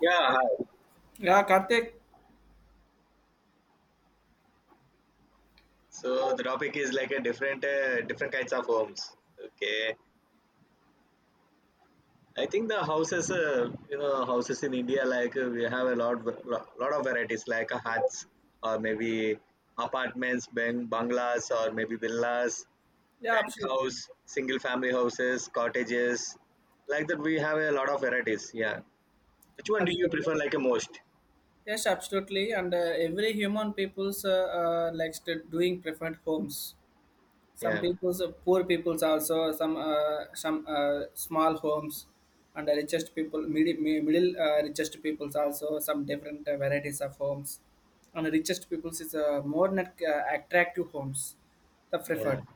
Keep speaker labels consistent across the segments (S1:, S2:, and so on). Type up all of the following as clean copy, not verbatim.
S1: Yeah, hi.
S2: Yeah, Karthik.
S1: So the topic is like a different different kinds of homes. Okay, I think the houses, houses in India, like we have a lot of varieties, like huts or maybe apartments, bungalows, or maybe villas,
S2: Yeah, absolutely,
S1: penthouse, single family houses, cottages, like that. We have a lot of varieties. Yeah, which one do you
S2: absolutely.
S1: prefer, like a most?
S2: Yes, absolutely. And every human people's likes to doing preferred homes. Some
S1: Yeah,
S2: people's poor people's also some small homes, and the richest people middle richest people's also some different varieties of homes, and the richest people's is more net attractive homes, the
S1: yeah,
S2: preferred.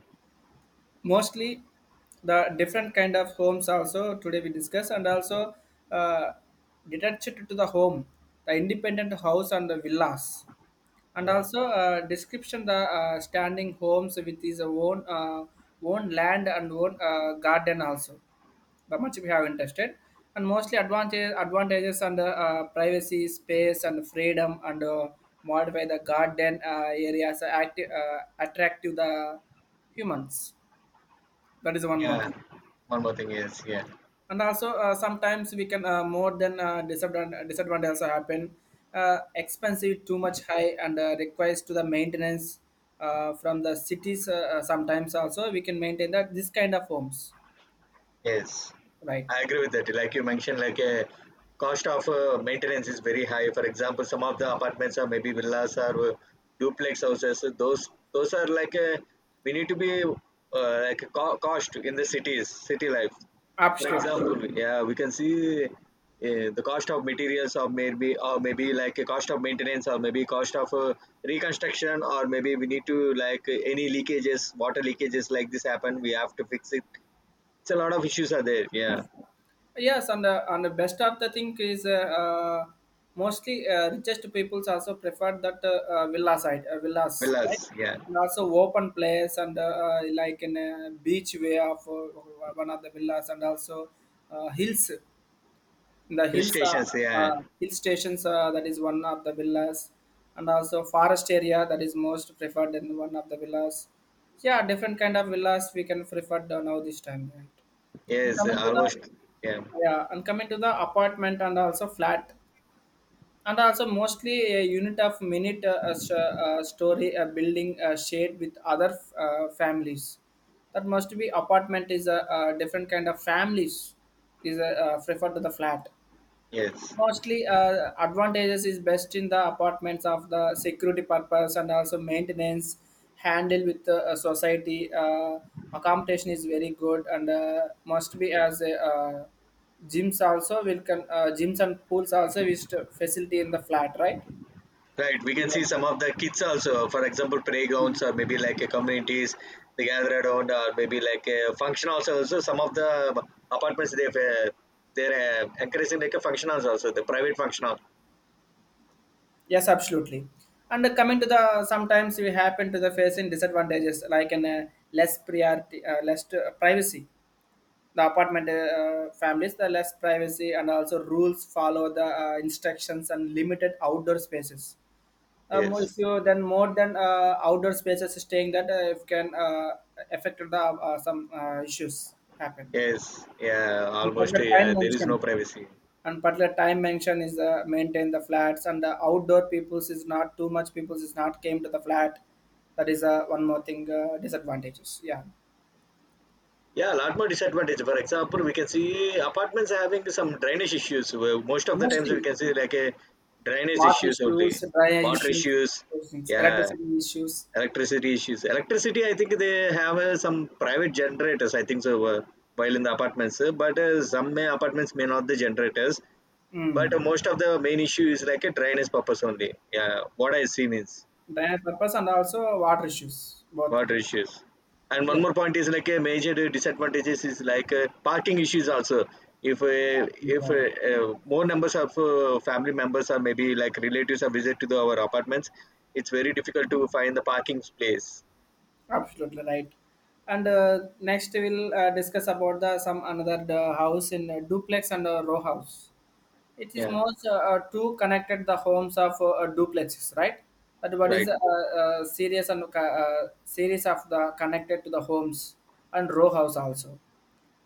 S2: Mostly the different kind of homes also today we discuss, and also uh, detached to the home, the independent house and the villas, and
S1: yeah,
S2: also description the standing homes with his own own land and own garden also, but much we have interested and mostly advantages and privacy space and freedom and modify the garden areas active, attractive the humans. That is one more
S1: yeah.
S2: thing.
S1: One more thing is, yeah.
S2: And also, sometimes we can more than disadvantage also happen. Expensive, too much high, and requires to the maintenance from the cities. Sometimes also we can maintain that this kind of homes,
S1: Yes,
S2: right?
S1: I agree with that. Like you mentioned, like a cost of maintenance is very high. For example, some of the apartments or maybe villas or duplex houses. So those are like a we need to be like a cost in the cities, city life. For
S2: Absolutely.
S1: example, Absolutely. Yeah, we can see the cost of materials or maybe like a cost of maintenance or maybe cost of reconstruction or maybe we need to like any leakages, water leakages like this happen, we have to fix it. It's a lot of issues are there. Yeah,
S2: Yes, and the best of the thing is mostly richest peoples also prefer that villa side, villas, right?
S1: villas. Yeah,
S2: And also open place and like in a beach way of one of the villas and also hills. The
S1: hill
S2: hills,
S1: stations. Yeah,
S2: hill stations that is one of the villas, and also forest area that is most preferred in one of the villas. Yeah, different kind of villas we can prefer now this time, right? And
S1: yes,
S2: coming to the
S1: almost. Yeah,
S2: Yeah, and coming to the apartment and also flat, and also mostly a unit of minute story building shared with other families. That must be apartment is a different kind of families is a, preferred to the flat.
S1: yes.
S2: Mostly, advantages is best in the apartments of the security purpose and also maintenance handle with the society. Accommodation is very good and must be as a gyms also will gyms and pools also is to facility in the flat, right?
S1: Right. We can see some of the kids also. For example, playgrounds or maybe like a communities they gather around or maybe like a function also. Also, some of the apartments they're encouraging like a function halls also so the private function hall.
S2: Yes, absolutely. And coming to the sometimes we happen to the face in disadvantages like an less priority, less privacy. The apartment families, the less privacy and also rules follow the instructions and limited outdoor spaces. If
S1: Yes.
S2: you then more than outdoor spaces staying that if can affect the some issues happened.
S1: Yes. Yeah.
S2: And
S1: Almost.
S2: particular time
S1: Yeah. There is no
S2: mention
S1: privacy.
S2: and particular time mention is maintain the flats and the outdoor peoples is not too much peoples is not came to the flat. That is one more thing disadvantages. Yeah,
S1: Yeah, a lot more disadvantage. For example, we can see apartments are having some drainage issues. Where Most of the times we
S2: mostly
S1: can see like a drainage
S2: water
S1: issues only,
S2: issues, dryer
S1: water
S2: issues,
S1: issues,
S2: those things,
S1: yeah,
S2: electricity issues.
S1: electricity issues. Electricity, I think they have some private generators. I think so. While in the apartments, but some may apartments may not the generators. But
S2: mm.
S1: most of the main issue is like a drainage purpose only. Yeah, what I see means.
S2: Dryer purpose and also water issues, both.
S1: Water issues, and
S2: Yeah,
S1: one more point is like a major disadvantages is like parking issues also if uh, if
S2: yeah,
S1: more numbers of family members or maybe like relatives are visit to the, our apartments. It's very difficult to find the parking place.
S2: absolutely right. And next we'll discuss about the some another house in duplex and row house. It is
S1: Yeah,
S2: most two connected the homes of duplexes, right? But what is
S1: right.
S2: series and series of the connected to the homes and row house also.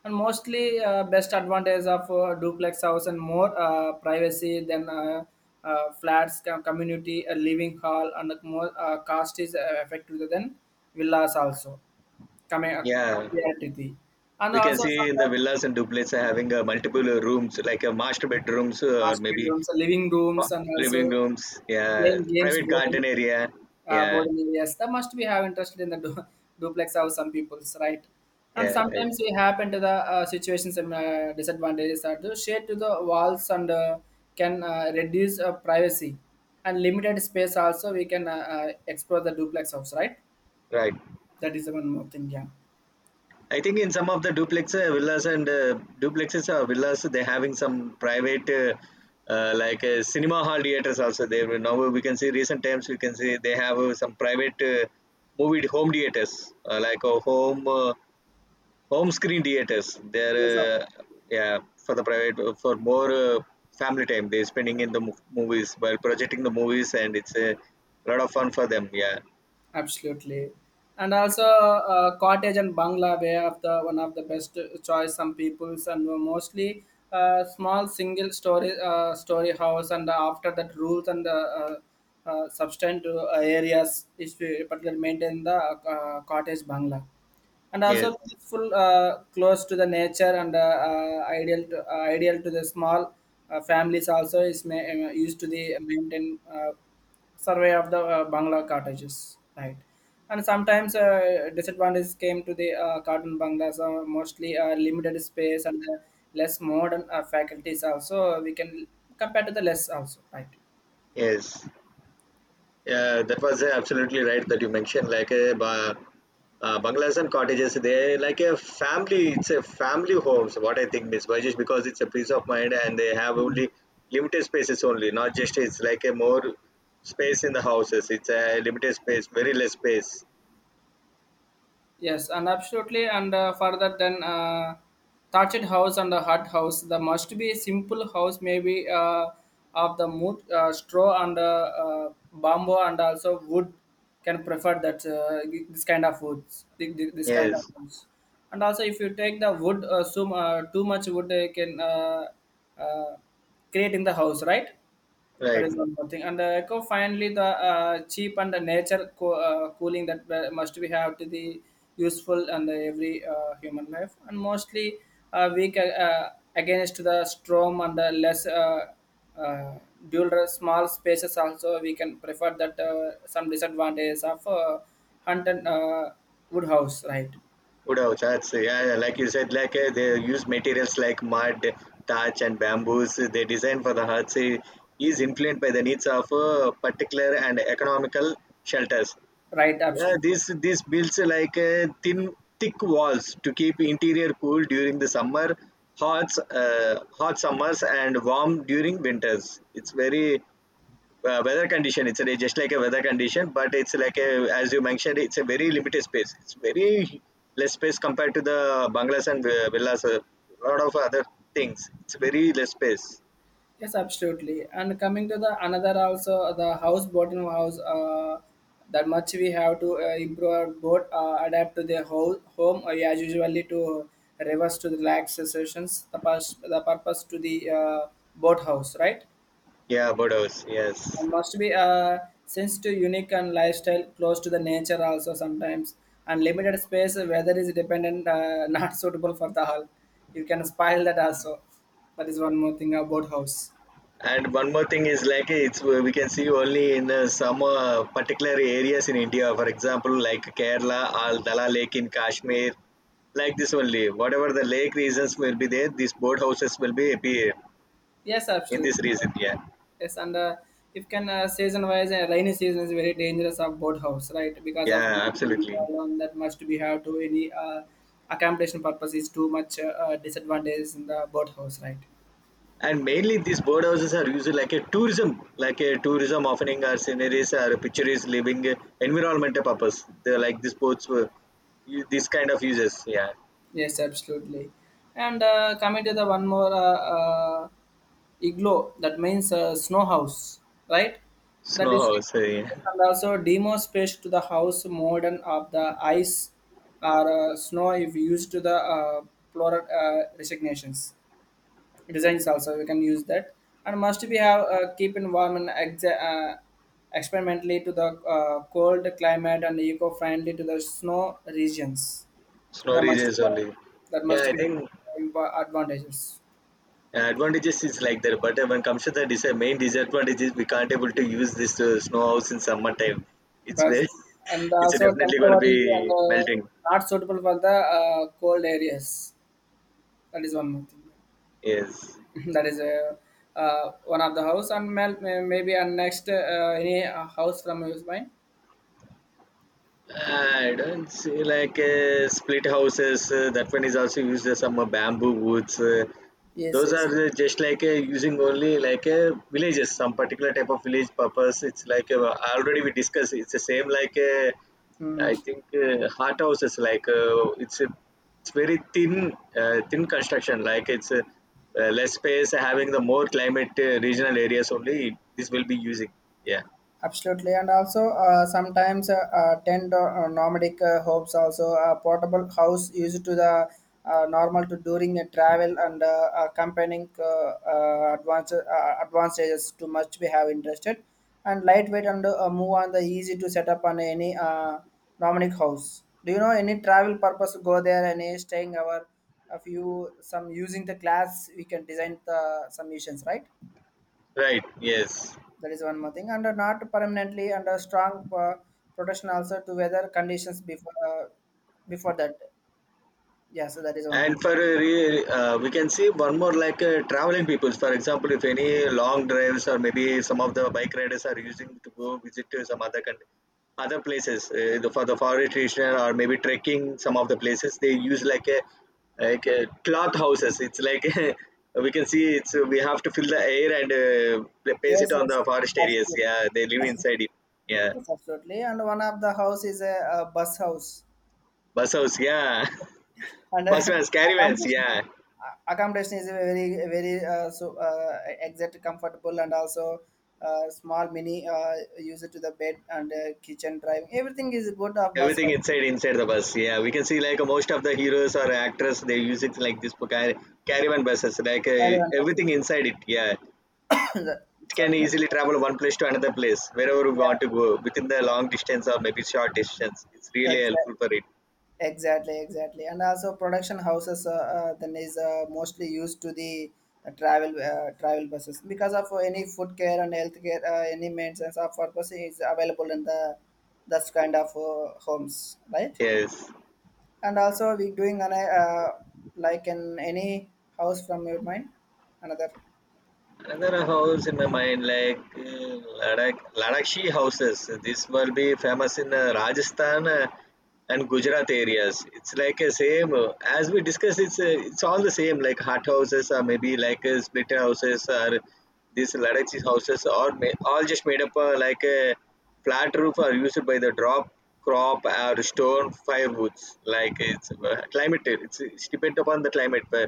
S2: And mostly, best advantage of duplex house and more privacy than flats, community, a living hall, and more cost is effective than villas also. Coming
S1: Yeah,
S2: compared to the, and
S1: we can
S2: also
S1: see in the
S2: sometimes
S1: villas and duplex are having multiple rooms like master bedrooms or
S2: master
S1: maybe
S2: bedrooms, living
S1: uh,
S2: rooms, and
S1: living
S2: also
S1: rooms. Yeah,
S2: playing games
S1: private
S2: board.
S1: garden area. Yeah,
S2: Boarding areas. That must we have interested in the duplex house. Some people's right, and
S1: yeah, right,
S2: sometimes we happen to the situations and disadvantages are to shade to the walls and can reduce privacy and limited space. Also, we can explore the duplex house. Right,
S1: right.
S2: that is the one more thing. Yeah.
S1: I think in some of the duplex villas and duplexes or villas, they're having some private, like cinema hall theaters also. Now we can see recent times we can see they have some private movie home theaters, like a home home screen theaters. They're
S2: Yes, sir.
S1: uh, yeah, for the private for more family time. They're spending in the movies while projecting the movies, and it's a lot of fun for them. Yeah.
S2: Absolutely, and also cottage and bungalow way of the one of the best choice, some people's, and mostly small single story house and after that rules and substantial areas is to particularly maintain the cottage bungalow, and also
S1: Yes.
S2: peaceful, close to the nature and ideal to the small families. Also, is used to the maintain survey of the bangla cottages, right? And sometimes disadvantages came to the cotton banglas, mostly limited space and less modern faculties. Also, we can compare to the less also, right?
S1: Yes. Yeah, that was absolutely right that you mentioned like a bungalows and cottages. They like a family. It's a family homes. What I think, Miss Vajesh, because it's a peace of mind and they have only limited spaces only. Not just it's like a more space in the houses. It's a limited space, very less space.
S2: Yes, and absolutely. And further than thatched house and the hut house, there must be a simple house, maybe of the mood, straw and bamboo, and also wood can prefer that this kind of woods, this kind of
S1: Yes,
S2: woods. And also, if you take the wood, so, too much wood, they can uh, create in the house, right? That
S1: right.
S2: is one more thing. And the eco finally the cheap and the nature cooling that must we have to the useful and the every human life and mostly weak against the storm and the less uh, small spaces also we can prefer that some disadvantages of hunt and wood house, right.
S1: Wood house, that's yeah, yeah, like you said, like they use materials like mud, thatch, and bamboos. They design for the huts is influenced by the needs of particular and economical shelters.
S2: Right
S1: Uh,
S2: option.
S1: this this builds like thin thick walls to keep interior cool during the summer, hot hot summers and warm during winters. It's very weather condition it's a, just like a weather condition but it's like a as you mentioned it's a very limited space it's very less space compared to the bungalows and villas, a lot of other things it's very less space.
S2: Yes, absolutely. And coming to the another also the house bottom house. That much we have to improve our boat, adapt to the whole home. Yeah, usually to reverse to the relax sessions. The purpose to the boat house, right?
S1: Yeah, bodos, yes.
S2: And must be since to unique and lifestyle close to the nature also sometimes, and limited space, weather is dependent, not suitable for the hull. You can spoil that also. That is one more thing about house.
S1: And one more thing is like it's we can see only in some particular areas in India, for example, like Kerala, Al dala lake in Kashmir, like this only, whatever the lake regions will be there, these boat houses will be appear
S2: Yes,
S1: in this
S2: absolutely.
S1: region. Yeah,
S2: Yes, and if can season wise, rainy season is very dangerous of boathouse, right? Because of heavy
S1: yeah, absolutely.
S2: rainfall and that much we have to any accommodation purpose is too much disadvantage in the boathouse, right?
S1: And mainly these birdhouses are used like a tourism offering or sceneries or pictures, living environmental purpose. They're like these boats were this kind of uses. Yeah,
S2: Yes, absolutely. And coming to the one more igloo, that means snow house, right? That
S1: snow
S2: is
S1: house, yeah.
S2: and also demo space to the house modern of the ice or snow if used to the plural resignations. Designs also we can use that, and must we have keep environment experimentally to the cold climate and eco-friendly to the snow regions,
S1: Snow
S2: that must
S1: regions only.
S2: that
S1: Yeah,
S2: must
S1: I
S2: be
S1: think
S2: advantages.
S1: advantages is like that, but when comes to the main disadvantage is we can't able to use this snow house in summertime. It's
S2: But
S1: very,
S2: and
S1: it's
S2: also
S1: definitely going to
S2: temporary and
S1: be melting.
S2: not suitable for the cold areas. That is one more thing.
S1: Yes.
S2: That is one of the house, and maybe and next any house from his mind.
S1: I don't see like split houses. That one is also used as some bamboo woods.
S2: Yes,
S1: Those
S2: yes.
S1: are just like using only like villages, some particular type of village purpose. It's like already we discussed. It's the same like
S2: Hmm.
S1: I think hot houses. Like it's a, it's very thin thin construction. Like it's less space having the more climate regional areas only. This will be using. Yeah.
S2: Absolutely, and also sometimes tent or nomadic homes also a portable house used to the normal to during a travel and accompanying advanced advantages, too much we have interested and lightweight and move on the easy to set up on any nomadic house. Do you know any travel purpose go there any staying our a few some using the class we can design the some missions, right?
S1: Right. Yes.
S2: That is one more thing. And not permanently under strong protection also to weather conditions before that. Yeah, so that is one more.
S1: And for a we can see one more like traveling peoples. For example, if any long drives or maybe some of the bike riders are using to go visit to some other country, other places for the forest region or maybe trekking some of the places they use like a cloth houses. It's like we can see it's we have to fill the air and place it
S2: Yes,
S1: on
S2: yes,
S1: the forest areas.
S2: absolutely.
S1: Yeah, they live inside it. Yeah,
S2: Yes, absolutely. And one of the house is a bus house,
S1: bus house. Yeah,
S2: and
S1: bus vans, caravans.
S2: accommodation
S1: Yeah.
S2: accommodation is a very very so exact comfortable and also small mini user to the bed and kitchen driving. Everything is good of bus
S1: Everything
S2: house.
S1: inside the bus. Yeah, we can see like most of the heroes or actors they use it like this for caravan buses. Like
S2: Caravan buses.
S1: everything inside it. Yeah, it can
S2: Sorry, that is
S1: easily travel one place to another place wherever we want
S2: yeah,
S1: to go within the long distance or maybe short distance. It's really
S2: exactly.
S1: helpful for it.
S2: Exactly, exactly. And also production houses, then is mostly used to the travel buses because of any food care and health care, any maintenance of purpose is available in the that kind of homes, right?
S1: Yes.
S2: And also we doing an, like in any house from your mind, another.
S1: Another house in my mind, like Ladakh, Ladakhi houses. This will be famous in Rajasthan and Gujarat areas. It's like a same as we discussed. It's all the same, like hut houses or maybe like split houses or these Ladakhi houses are all just made up like a flat roof are used by the drop crop or stone firewoods. Like it's climate. It's depend upon the climate.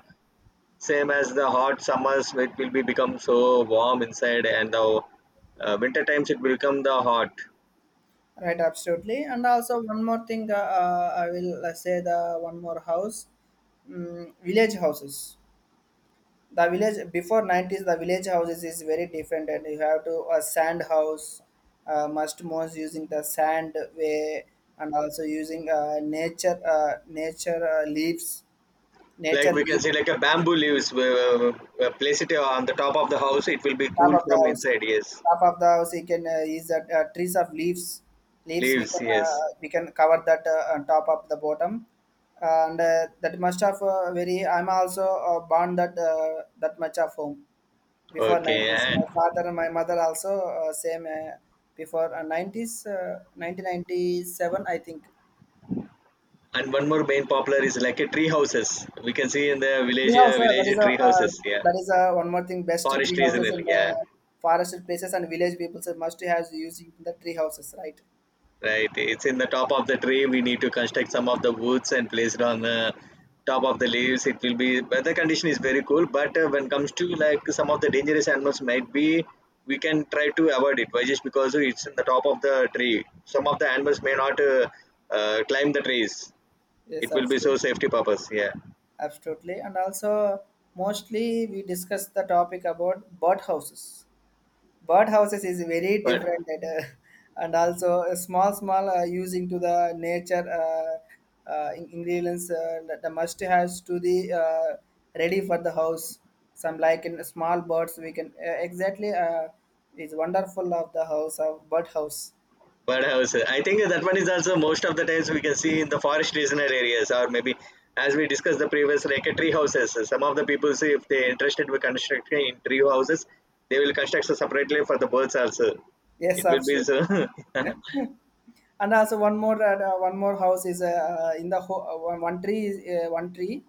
S1: Same as the hot summers it will be become so warm inside and the winter times it will become the hot.
S2: Right, absolutely. And also one more thing, I will say the one more house, village houses. The village before 90s, the village houses is very different, and you have to a sand house, must most using the sand way, and also using nature uh, nature uh, leaves
S1: Like
S2: nature
S1: we can
S2: leaves.
S1: see like a bamboo leaves we place it on the top of the house it will be
S2: top
S1: cool
S2: of the
S1: from
S2: house
S1: inside, yes,
S2: top of the house you can use that trees of leaves, we
S1: leaves,
S2: can
S1: yes,
S2: we can cover that on top of the bottom. And that much of very I'm also born that that much of home before
S1: okay,
S2: 90s, my father and my mother also same, before 90s, 1997, I think.
S1: and one more main popular is like a tree houses we can see in the
S2: Tree
S1: village,
S2: house, uh, that
S1: village
S2: is a
S1: tree
S2: uh,
S1: houses, yeah,
S2: that is a one more thing. Best
S1: forest
S2: tree
S1: trees and
S2: houses
S1: all,
S2: in the
S1: yeah.
S2: forested places, and village people so must has using the tree houses, right.
S1: Right, it's in the top of the tree. We need to construct some of the woods and place it on the top of the leaves. It will be weather condition is very cool, but when comes to like some of the dangerous animals might be, we can try to avoid it. Why just because it's in the top of the tree. Some of the animals may not climb the trees.
S2: Yes,
S1: It will be so
S2: absolutely.
S1: safety purpose. Yeah,
S2: Absolutely. And also mostly we discuss the topic about bird houses. Birdhouses is very
S1: but
S2: different and, and also a small using to the nature ingredients that the must has to the ready for the house, some like in small birds we can exactly is wonderful of the house of bird house.
S1: Birdhouse. I think that one is also most of the times we can see in the forest regional areas, or maybe as we discussed the previous, like a tree houses. Some of the people say if they're interested with constructing in tree houses, they will construct separately for the birds also.
S2: Yes,
S1: It will be so.
S2: absolutely. And also one more house is in the one tree is, one tree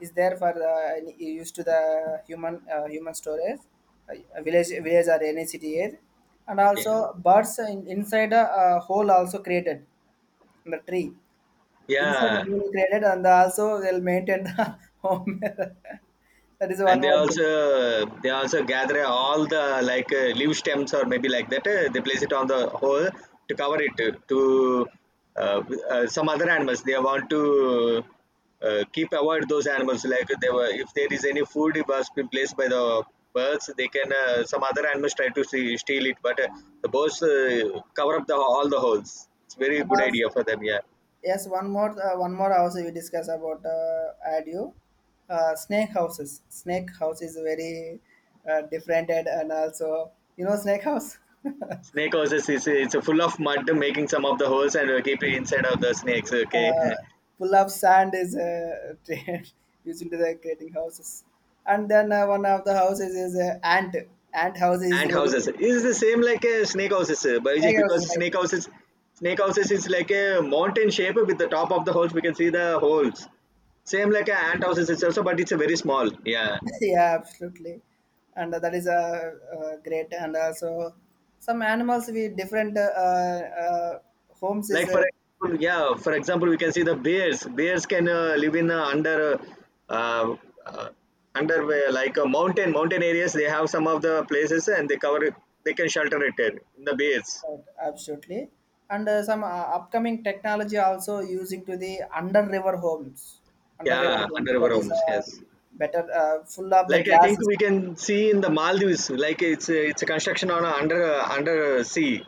S2: is there for used to the human human storage, village or any city area, and
S1: Okay.
S2: also birds in, inside a hole also created in the tree, inside the
S1: Yeah,
S2: hole created, and also they'll maintain the home that is one
S1: and they
S2: more thing.
S1: also they also gather all the like leaf stems or maybe like that they place it on the hole to cover it to uh, some other animals they want to keep avoid those animals like they were if there is any food it was been placed by the birds they can some other animals try to see, steal it, but the birds cover up the all the holes it's very
S2: And
S1: good
S2: also
S1: idea for them, yeah.
S2: Yes, one more one more house we discuss about adio. Snake houses. Snake house is very different, and also you know snake house
S1: Snake houses is it's full of mud making some of the holes and keep it inside of the snakes, okay.
S2: full of sand is trade used into the creating houses. And then one of the houses is ant. Ant house is
S1: Ant
S2: very.
S1: houses is the same like a snake houses, but just
S2: Snake house is
S1: because
S2: like that.
S1: snake houses is like a mountain shape with the top of the holes. We can see the holes. Same like a ant houses it's also, but it's a very small. Yeah,
S2: Yeah, absolutely, and that is a great, and also some animals we different homes is.
S1: like for example, yeah, for example, we can see the bears. Bears can live in uh, uh, uh, under like a mountain areas. They have some of the places and they cover it. They can shelter it in the bears.
S2: Right, absolutely. And some upcoming technology also using to the under river homes, under river
S1: Yeah,
S2: homes.
S1: under
S2: That
S1: our
S2: is
S1: homes. Yes.
S2: better, full of the
S1: Like I think
S2: glasses,
S1: we can see in the Maldives, like it's a construction on a under under sea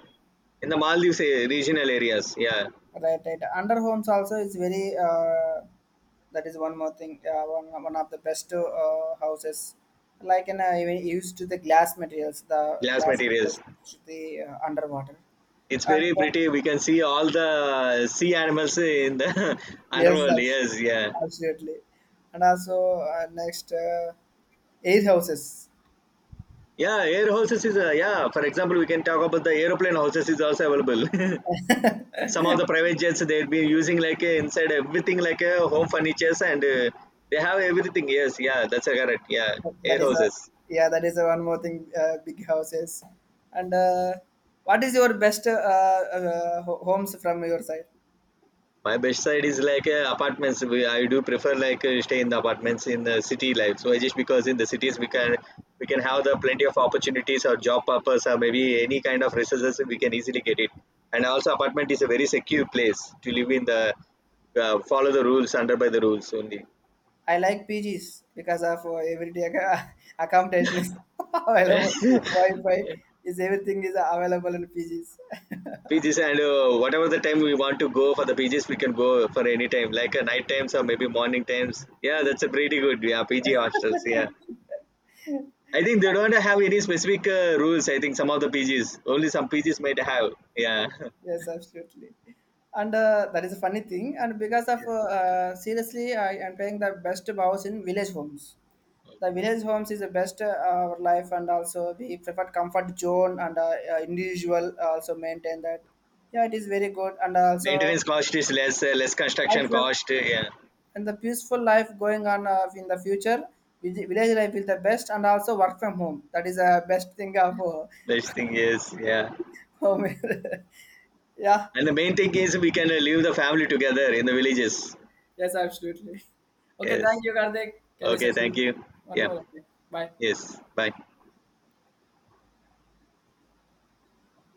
S1: in the Maldives regional areas. Yeah,
S2: right? Right. Under homes also is very. That is one more thing. One of the best houses, like in even used to the glass materials, the
S1: glass
S2: glass
S1: materials.
S2: materials to the underwater,
S1: It's
S2: and
S1: very
S2: the,
S1: pretty. We can see all the sea animals in the
S2: yes,
S1: underworld.
S2: that's
S1: Yes, yeah,
S2: absolutely. And also next air houses.
S1: yeah. Air horses is yeah. For example, we can talk about the aeroplane horses is also available. Some of the private jets they've been using like inside everything like home furnitures and they have everything. Yes, yeah. That's correct. Yeah, air
S2: That is a
S1: horses.
S2: yeah. That is a one more thing. Big houses, and what is your best homes from your side?
S1: My best side is like apartments. We, I do prefer like stay in the apartments in the city life. So just because in the cities we can have the plenty of opportunities or job purpose or maybe any kind of resources we can easily get it. And also apartment is a very secure place to live in the follow the rules under by the rules only.
S2: I like PGs because of everyday accommodation is available. Wi-Fi is everything is available in PGs.
S1: PGs and whatever the time we want to go for the PGs, we can go for any time like night times or maybe morning times. Yeah, that's a pretty good. Yeah, PG hostels. Yeah. I think they don't have any specific rules. I think some of the PGs, only some PGs might have. Yeah.
S2: Yes, absolutely. And that is a funny thing. And because of
S1: Yeah.
S2: seriously, I am playing the best bows in village homes. The village homes is the best our life, and also we prefer comfort zone and individual also maintain that. Yeah, it is very good, and also
S1: Maintenance cost is less, less
S2: I
S1: construction
S2: feel
S1: cost. Yeah.
S2: and the peaceful life going on in the future. Village life is the best, and also work from home. That is the best thing of
S1: Best thing is, yeah.
S2: home. Yeah.
S1: And the main thing is we can live the family together in the villages.
S2: Yes, absolutely. Okay,
S1: Yes.
S2: thank you, Karthik. Can you
S1: Okay. Thank
S2: session
S1: you.
S2: one
S1: Yeah.
S2: more? Okay, bye.
S1: Yes. Bye.